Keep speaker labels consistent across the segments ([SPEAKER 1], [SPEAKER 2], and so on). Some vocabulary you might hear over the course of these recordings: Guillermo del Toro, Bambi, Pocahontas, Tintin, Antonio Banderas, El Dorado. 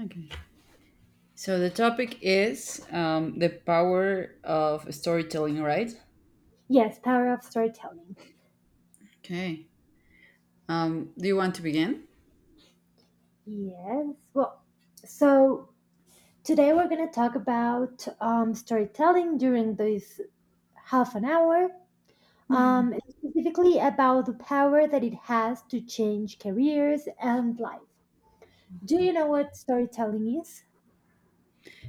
[SPEAKER 1] Okay. So the topic is the power of storytelling, right?
[SPEAKER 2] Yes, power of storytelling.
[SPEAKER 1] Okay. Do you want to begin?
[SPEAKER 2] Yes. Well, so today we're going to talk about storytelling during this half an hour, and specifically about the power that it has to change careers and life. Do you know what storytelling is?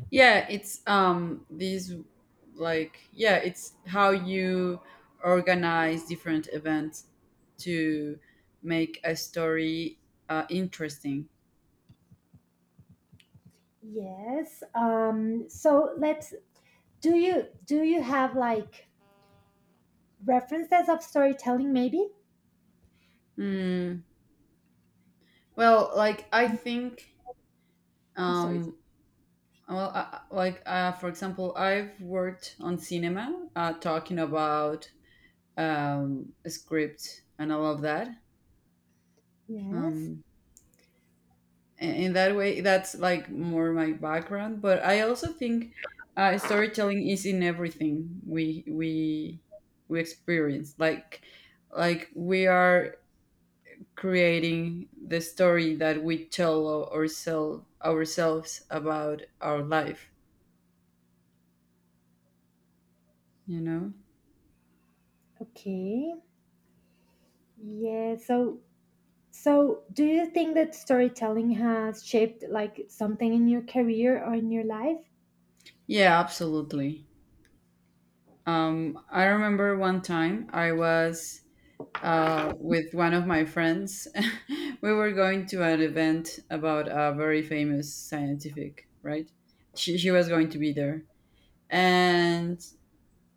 [SPEAKER 1] Yeah, it's these like yeah, it's how you organize different events to make a story interesting.
[SPEAKER 2] Yes. So let's. Do you have like references of storytelling? Maybe.
[SPEAKER 1] Mm, well, like I think
[SPEAKER 2] The stories.
[SPEAKER 1] um, well, I, like for example, I've worked on cinema talking about script and all of that.
[SPEAKER 2] Yes.
[SPEAKER 1] Um, in that way, that's like more my background. But I also think storytelling is in everything we experience. Like we are creating the story that we tell ourselves about our life. You know?
[SPEAKER 2] Okay. Yeah. So, do you think that storytelling has shaped like something in your career or in your life?
[SPEAKER 1] Yeah, absolutely. I remember one time I was with one of my friends. We were going to an event about a very famous scientific, right? She was going to be there. And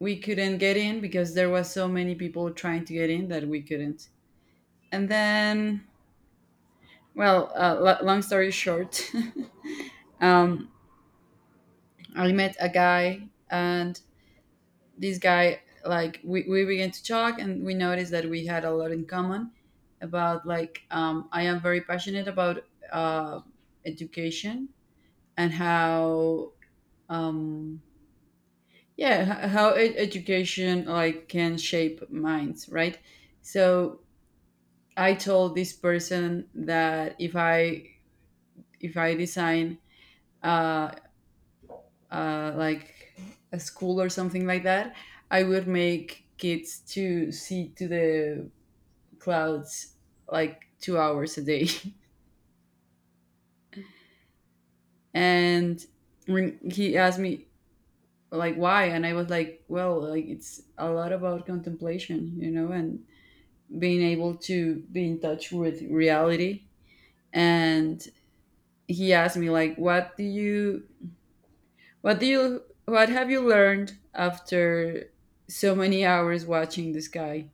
[SPEAKER 1] we couldn't get in because there was so many people trying to get in that we couldn't. And then, well, long story short, um, I met a guy, and this guy, like, we began to talk, and we noticed that we had a lot in common about, like, I am very passionate about uh, education and um, how education, like, can shape minds, right? So I told this person that if I design uh, like a school or something like that, I would make kids to see to the clouds like 2 hours a day. And when he asked me like why, and I was like, well, like it's a lot about contemplation, and being able to be in touch with reality. And he asked me like, what have you learned after so many hours watching the sky?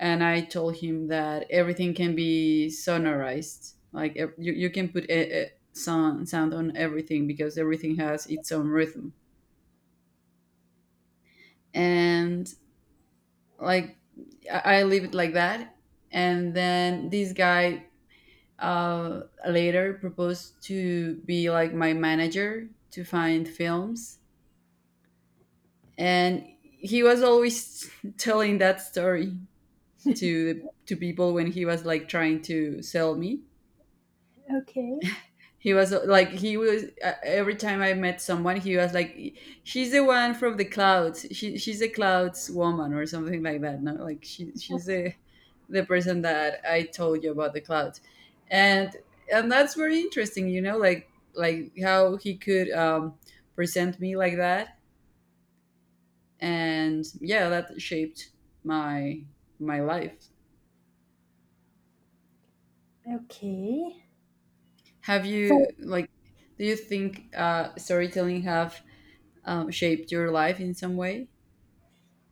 [SPEAKER 1] And I told him that everything can be sonorized. Like, you can put a sound on everything because everything has its own rhythm. And, like, I leave it like that. And then this guy uh, later proposed to be like my manager to find films, and he was always telling that story to people when he was like trying to sell me.
[SPEAKER 2] Okay.
[SPEAKER 1] He was like he was Every time I met someone, he was like, "She's the one from the clouds. She's a clouds woman or something like that." No, like, she she's a the person that I told you about the clouds, and and that's very interesting. Like how he could present me like that, and yeah, that shaped my my life.
[SPEAKER 2] Okay.
[SPEAKER 1] Have
[SPEAKER 2] So,
[SPEAKER 1] you, like? Do you think storytelling have shaped your life in some way?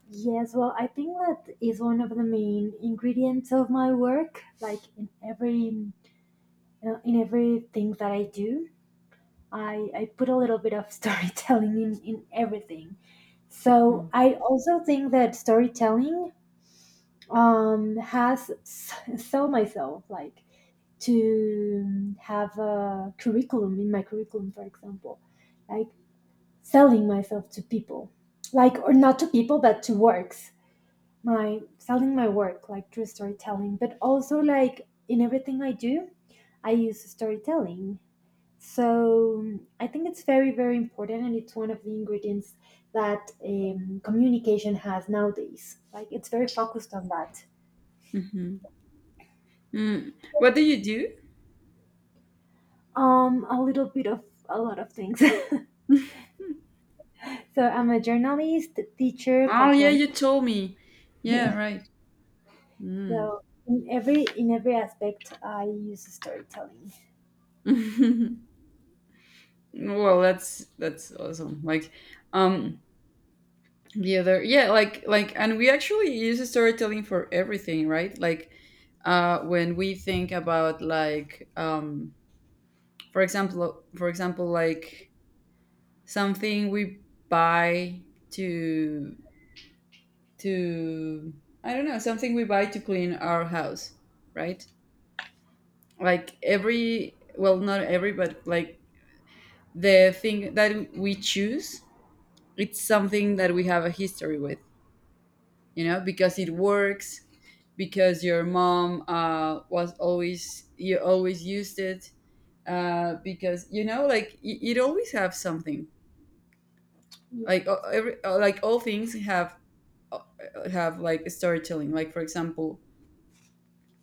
[SPEAKER 2] yes, well, I think that is one of the main ingredients of my work. Like in every in everything that I do, I put a little bit of storytelling in everything.
[SPEAKER 1] Mm-hmm.
[SPEAKER 2] So, I also think that storytelling has sell myself, like to have a curriculum in my curriculum, for example, like selling myself to people, like or not to people but to works, my selling my work like through storytelling, but also like in everything I do, I use storytelling. So I think it's very important, and it's one of the ingredients that communication has nowadays, like it's very focused on that.
[SPEAKER 1] Mm-hmm. Mm. What do you do?
[SPEAKER 2] A little bit of a lot of things. So I'm a journalist, teacher,
[SPEAKER 1] Oh, yeah,
[SPEAKER 2] cultural.
[SPEAKER 1] you told me. Yeah,
[SPEAKER 2] Yeah.
[SPEAKER 1] right.
[SPEAKER 2] So in every aspect, I use storytelling.
[SPEAKER 1] Well, that's awesome. Like, um, the other yeah, like, And we actually use storytelling for everything, right? Like, when we think about, like, for example, like, something we buy to to I don't know, something we buy to clean our house, right? Like, every, well, not every, but like, the thing that we choose, it's something that we have a history with, you know, because it works, because your mom was always you always used it, because you know, like it always have something. Like,
[SPEAKER 2] Yes.
[SPEAKER 1] every like all things have uh, like storytelling. Like, for example,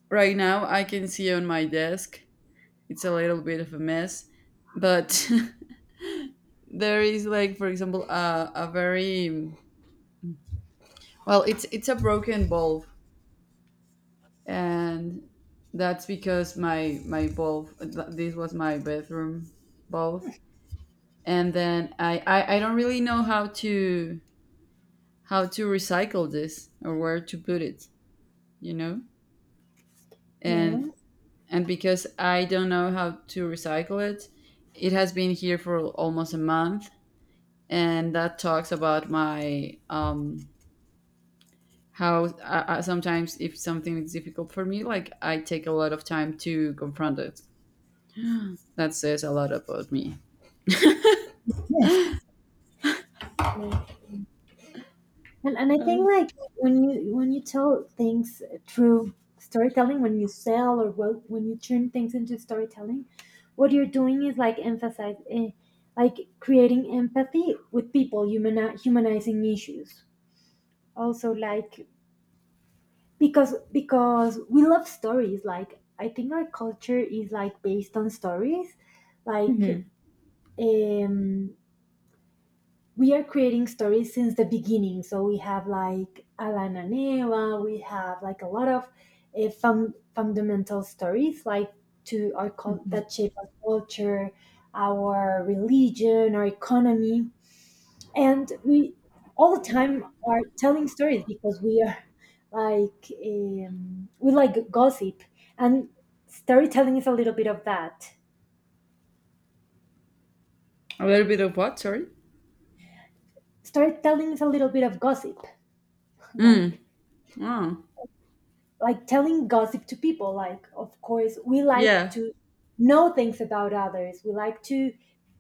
[SPEAKER 1] right now I can see on my desk it's a little bit of a mess, but there is, like, for example, a very well, it's a broken bulb, and that's because my bulb, this was my bedroom bulb. And then I don't really know how to recycle this or where to put it, you know.
[SPEAKER 2] Yeah.
[SPEAKER 1] And and because I don't know how to recycle it has been here for almost a month. And that talks about my, how sometimes if something is difficult for me, like, I take a lot of time to confront it. That says a lot about me.
[SPEAKER 2] Yes. Yes. And I think like when you tell things through storytelling, when you sell or, well, when you turn things into storytelling, what you're doing is like emphasize, eh, like creating empathy with people, humanizing issues. Also, like, because we love stories. Like, I think our culture is like based on stories. Like, um we are creating stories since the beginning, so we have like alana neva, we have like a lot of fundamental stories, like to our that shape our culture, our religion, our economy. And we all the time are telling stories, because we are like, we like gossip. And storytelling is a little bit of that.
[SPEAKER 1] A little bit of what, sorry?
[SPEAKER 2] Storytelling is a little bit of gossip. like
[SPEAKER 1] Oh.
[SPEAKER 2] like telling gossip to people. Like, of course we like
[SPEAKER 1] Yeah,
[SPEAKER 2] to know things about others, we like to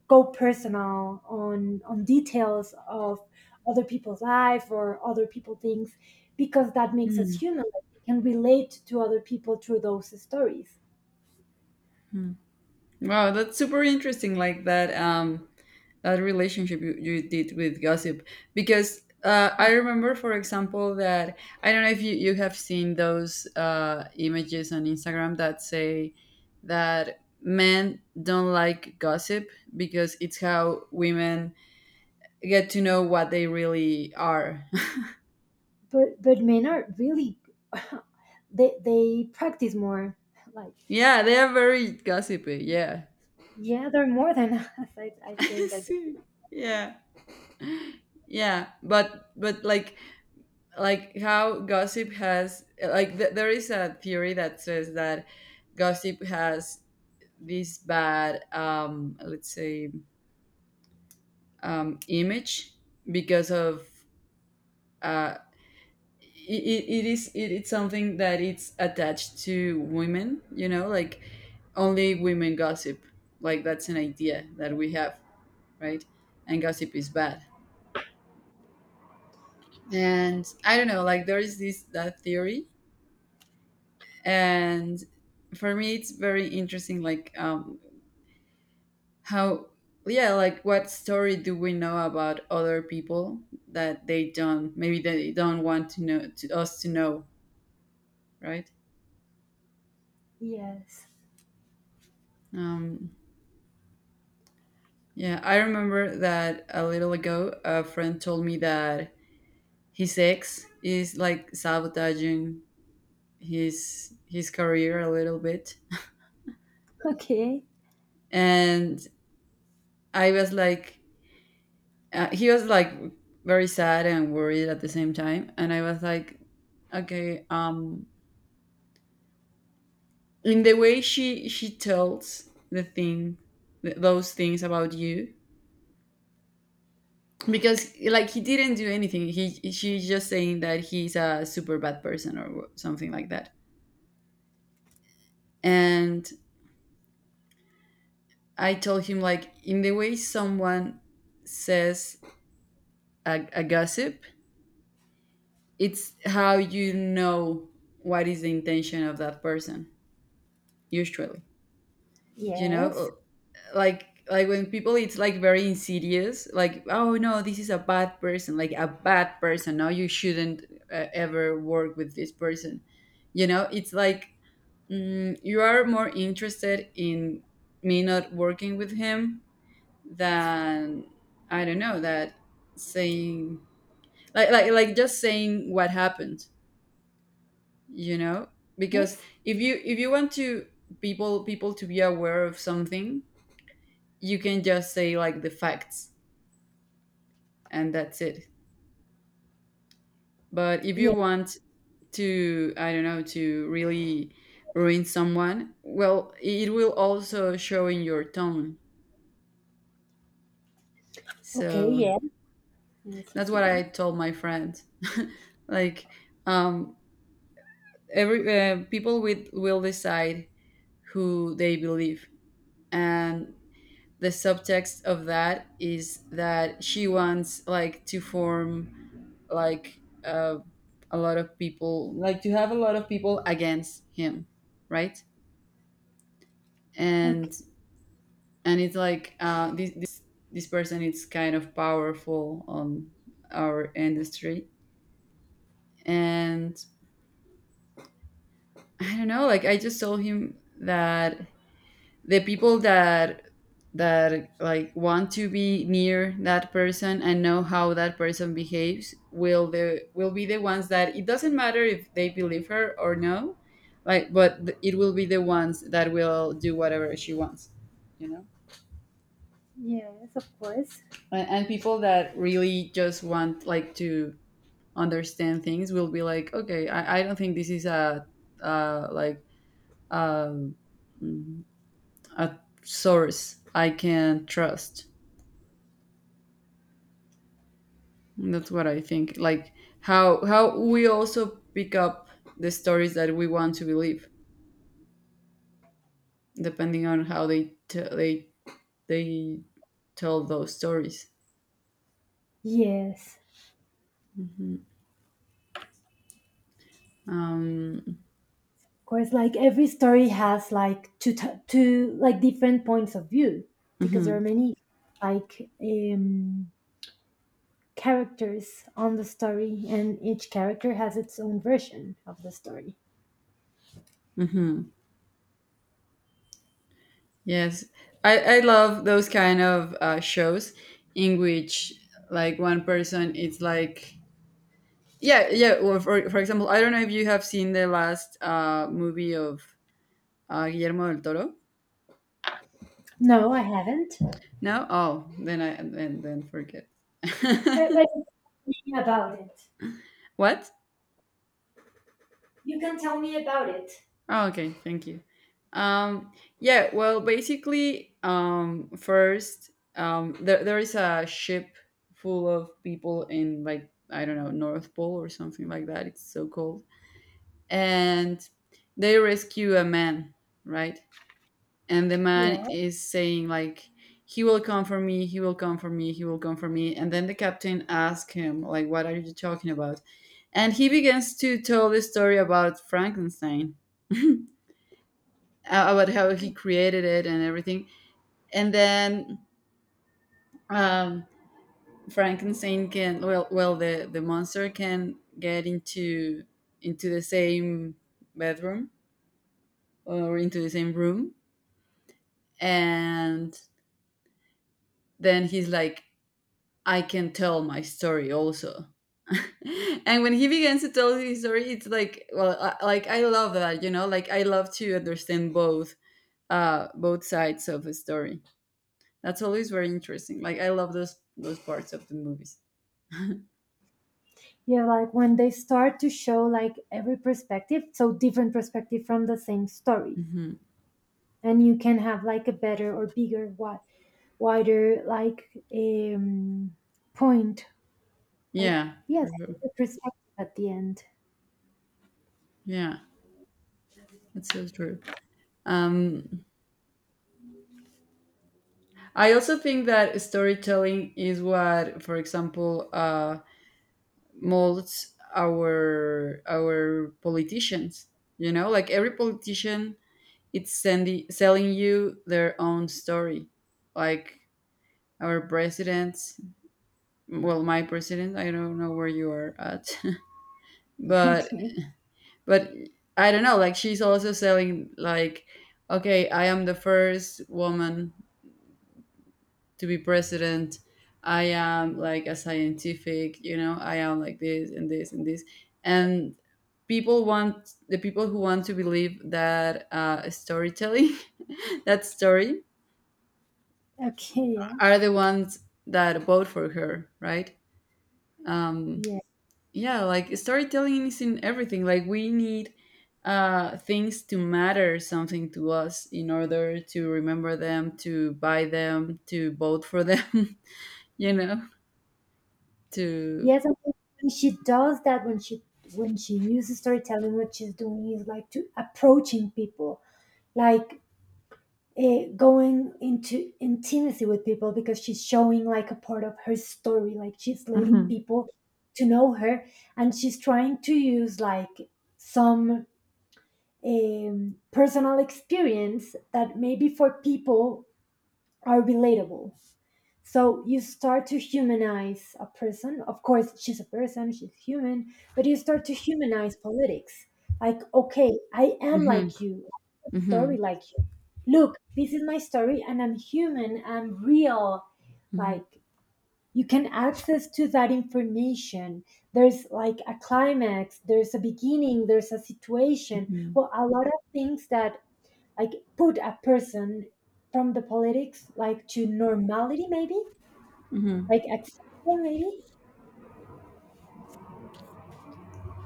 [SPEAKER 2] go personal on details of other people's life or other people things, because that makes us human. Like, we can relate to other people through those stories.
[SPEAKER 1] wow, that's super interesting, like, that, relationship you did with gossip, because I remember, for example, that I don't know if you have seen those images on Instagram that say that men don't like gossip because it's how women get to know what they really are.
[SPEAKER 2] But men are really they practice more like
[SPEAKER 1] Yeah, they are very gossipy. Yeah.
[SPEAKER 2] yeah they're more than us. i, I think I,
[SPEAKER 1] See, yeah. Yeah, but how gossip has, like, there is a theory that says that gossip has this bad, let's say, image, because of uh, it's something that it's attached to women, you know, like only women gossip. Like, that's an idea that we have, right? And gossip is bad. And I don't know, like, there is this that theory. And for me it's very interesting, like, how, yeah, like, what story do we know about other people that they don't maybe they don't want to know to us to know, right?
[SPEAKER 2] yes.
[SPEAKER 1] um Yeah, I remember that a little ago a friend told me that his ex is like sabotaging his career a little bit,
[SPEAKER 2] Okay.
[SPEAKER 1] and I was like, he was like very sad and worried at the same time, and I was like, okay, in the way she tells the thing, those things about you, because, like, he didn't do anything, he she's just saying that he's a super bad person or something like that. And I told him, like, in the way someone says a gossip, it's how you know what is the intention of that person, usually. You
[SPEAKER 2] Yes.
[SPEAKER 1] know, like, when people it's like very insidious, like, oh no, this is a bad person. Like a bad person. No, you shouldn't ever work with this person. You know, it's like, you are more interested in me not working with him than, I don't know, that saying like, just saying what happened, you know? Because
[SPEAKER 2] Yes.
[SPEAKER 1] if you want to, people to be aware of something, you can just say, like, the facts, and that's it. But if you want to, I don't know, to really ruin someone, well, it will also show in your tone.
[SPEAKER 2] Okay,
[SPEAKER 1] So
[SPEAKER 2] yeah. Yes,
[SPEAKER 1] that's
[SPEAKER 2] yes,
[SPEAKER 1] what
[SPEAKER 2] yes.
[SPEAKER 1] I told my friend. Like, um every, people with will decide who they believe. And the subtext of that is that she wants, like, to form, like, uh, a lot of people, like, to have a lot of people against him, right?
[SPEAKER 2] Okay.
[SPEAKER 1] And and it's like, this person is kind of powerful on our industry. And I don't know, like, I just told him that the people that like want to be near that person and know how that person behaves, will be the ones that, it doesn't matter if they believe her or no, like, but it will be the ones that will do whatever she wants, you know.
[SPEAKER 2] Yes, of course.
[SPEAKER 1] And people that really just want, like, to understand things will be like, okay, I don't think this is uh like um mm, a source I can trust. That's what I think. Like, how we also pick up the stories that we want to believe, depending on how they t- they tell those stories.
[SPEAKER 2] Yes.
[SPEAKER 1] Um,
[SPEAKER 2] Of course, like every story has like two like different points of view, because there are many like, characters on the story, and each character has its own version of the story.
[SPEAKER 1] yes, I love those kind of shows in which, like, one person is like, yeah, yeah. Or, for example, I don't know if you have seen the last movie of Guillermo del Toro.
[SPEAKER 2] No, I haven't.
[SPEAKER 1] No, oh, then I then forget.
[SPEAKER 2] But but you can tell me about it.
[SPEAKER 1] What?
[SPEAKER 2] You can tell me about it.
[SPEAKER 1] Oh, okay, thank you. Um, yeah, well, basically, first, there is a ship full of people in, like, I don't know, North Pole or something like that. It's so cold. And they rescue a man, right? And the
[SPEAKER 2] Yeah.
[SPEAKER 1] man is saying, like, he will come for me, he will come for me, he will come for me. And then the captain asks him, like, what are you talking about? And he begins to tell the story about Frankenstein. About how he created it and everything. And then, um, Frankenstein can, the monster can get into the same bedroom, or into the same room. And then he's like, I can tell my story also. And when he begins to tell his story, it's like, well, like, I love that, you know, like, I love to understand both both sides of a story. That's always very interesting. Like, I love those parts of the movies.
[SPEAKER 2] Yeah, like when they start to show like every perspective, so different perspective from the same stories. And you can have like a better or bigger, what, wider, like point, like,
[SPEAKER 1] Yeah,
[SPEAKER 2] yes,
[SPEAKER 1] for sure.
[SPEAKER 2] the perspective at the end.
[SPEAKER 1] Yeah, that's so true. Um, I also think that storytelling is what, for example, molds our politicians. You know, like, every politician, it's sending selling you their own story. Like our presidents, well, my president, I don't know where you are at, but
[SPEAKER 2] Okay.
[SPEAKER 1] but I don't know, like, she's also selling like, okay, I am the first woman to be president, I am like a scientific, you know, I am like this and this and this. And people want— the people who want to believe that storytelling that story
[SPEAKER 2] Okay.
[SPEAKER 1] are
[SPEAKER 2] Yes.
[SPEAKER 1] the ones that vote for her, right? um
[SPEAKER 2] Yeah.
[SPEAKER 1] yeah, like storytelling is in everything. Like we need things to matter something to us in order to remember them, to buy them, to vote for them. you know to
[SPEAKER 2] Yes, I think when she does that, when she uses storytelling, what she's doing is like to approaching people, like, eh, going into intimacy with people, because she's showing like a part of her story, like she's letting people to know her. And she's trying to use like some personal experience that maybe for people are relatable. So you start to humanize a person. Of course, she's a person, she's human, but you start to humanize politics. Like, okay, I am
[SPEAKER 1] Hmm.
[SPEAKER 2] like you, I have a
[SPEAKER 1] Hmm.
[SPEAKER 2] story like you. Look, this is my story, and I'm human, I'm real.
[SPEAKER 1] Hmm.
[SPEAKER 2] Like, you can access to that information. There's like a climax, there's a beginning, there's a situation.
[SPEAKER 1] Mhm.
[SPEAKER 2] Well, a lot of things that like put a person from the politics like to normality maybe,
[SPEAKER 1] Mhm.
[SPEAKER 2] like accessible maybe,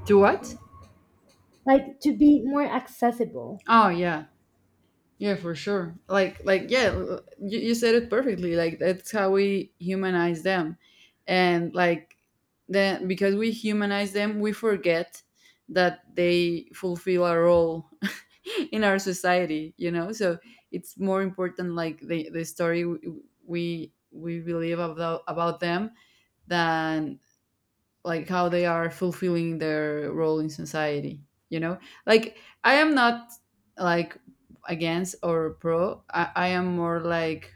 [SPEAKER 1] To what?
[SPEAKER 2] like to be more accessible.
[SPEAKER 1] Oh yeah. Yeah, for sure. Like, yeah, you, said it perfectly. Like, that's how we humanize them, and like, then because we humanize them, we forget that they fulfill a role in our society. You know, so it's more important, like the story we believe about them than, like, how they are fulfilling their role in society, you know, like. I am not like against or pro. I am more like—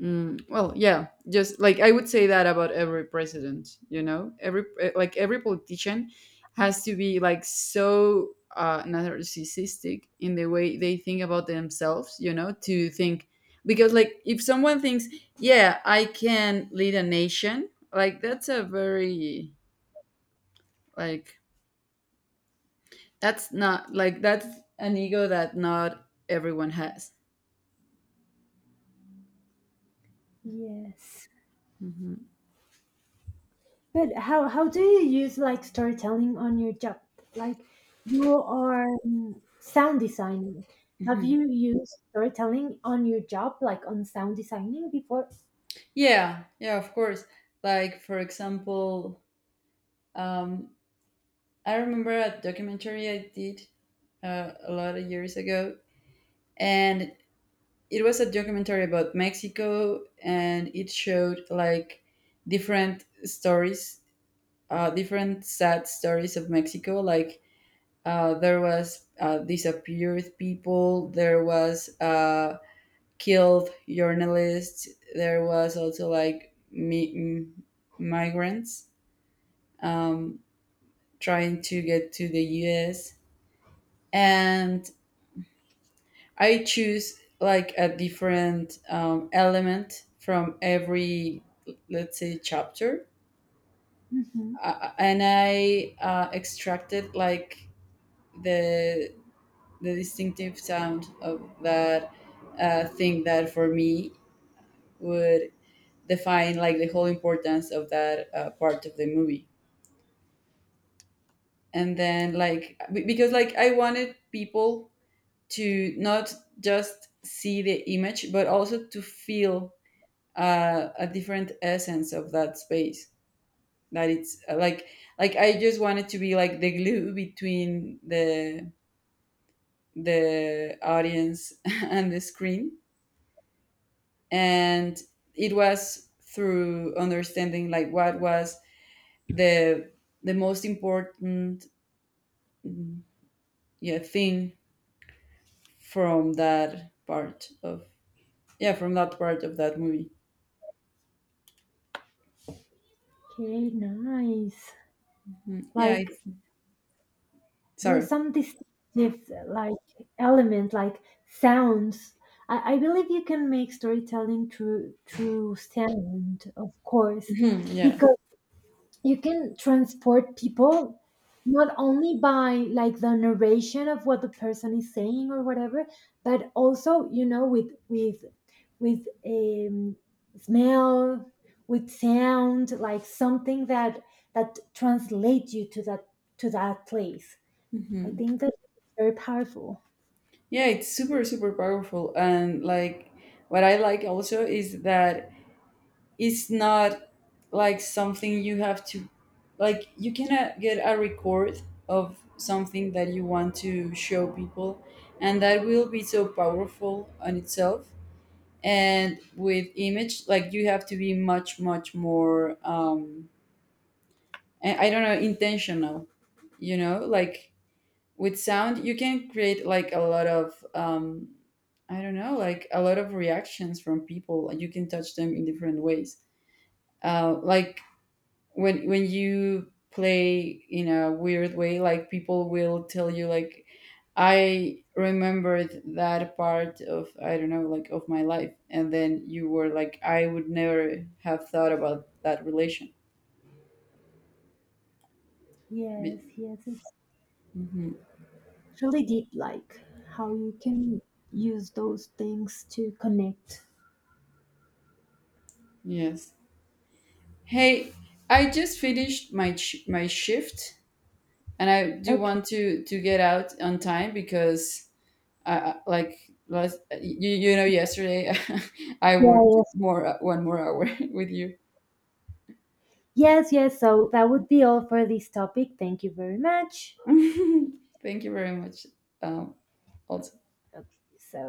[SPEAKER 1] well yeah, just— like I would say that about every president, you know, every like every politician has to be like so narcissistic in the way they think about themselves, you know, to think, because like if someone thinks, yeah, I can lead a nation, like that's a very, like— that's an ego that not everyone has.
[SPEAKER 2] Yes.
[SPEAKER 1] Hmm.
[SPEAKER 2] But how do you use like storytelling on your job? Like, you are sound designing. Have
[SPEAKER 1] Hmm.
[SPEAKER 2] you used storytelling on your job, like on sound designing before?
[SPEAKER 1] Yeah, yeah, of course. Like for example, um, I remember a documentary I did a lot of years ago, and it was a documentary about Mexico, and it showed like different stories, different sad stories of Mexico. Like there was disappeared people, there was killed journalists. There was also like migrants um, trying to get to the U.S. And I choose like a different element from every, let's say, chapter.
[SPEAKER 2] Hmm.
[SPEAKER 1] And I extracted like the distinctive sound of that thing that for me would define like the whole importance of that part of the movie. And then, like, because like I wanted people to not just see the image but also to feel a different essence of that space, that it's like— like I just wanted to be like the glue between the audience and the screen. And it was through understanding like what was the most important, yeah, thing from that part of, yeah, from that part of that movie.
[SPEAKER 2] Okay, nice.
[SPEAKER 1] Yeah,
[SPEAKER 2] Like,
[SPEAKER 1] it's—
[SPEAKER 2] there are
[SPEAKER 1] sorry.
[SPEAKER 2] some distinctive, like, element, like, sounds. I believe you can make storytelling through sound, of course,
[SPEAKER 1] Mhm, yeah.
[SPEAKER 2] because you can transport people not only by like the narration of what the person is saying or whatever, but also, you know, with with smell, with sound, like something that translates you to that place. I
[SPEAKER 1] Hmm.
[SPEAKER 2] think that's very powerful.
[SPEAKER 1] Yeah, it's super super powerful. And like what I like also is that it's not like something you have to— like you cannot get a record of something that you want to show people and that will be so powerful on itself. And with image, like you have to be much much more, um, and I don't know, intentional, you know. Like with sound, you can create like a lot of, I don't know, like a lot of reactions from people. Like, you can touch them in different ways. Like when you play in a weird way, like people will tell you like, I remembered that part of, I don't know, like of my life, and then you were like, I would never have thought about that relation. Be-
[SPEAKER 2] Yes, yes, it's
[SPEAKER 1] Mhm.
[SPEAKER 2] really deep, like how you can use those things to connect.
[SPEAKER 1] Yes. Hey, I just finished my my shift, and I do
[SPEAKER 2] Okay.
[SPEAKER 1] want to get out on time, because like last— you know, yesterday I worked
[SPEAKER 2] Yes,
[SPEAKER 1] more— one more hour with you.
[SPEAKER 2] yes, yes. So that would be all for this topic. Thank you very much.
[SPEAKER 1] Thank you very much. Um, also.
[SPEAKER 2] Okay, so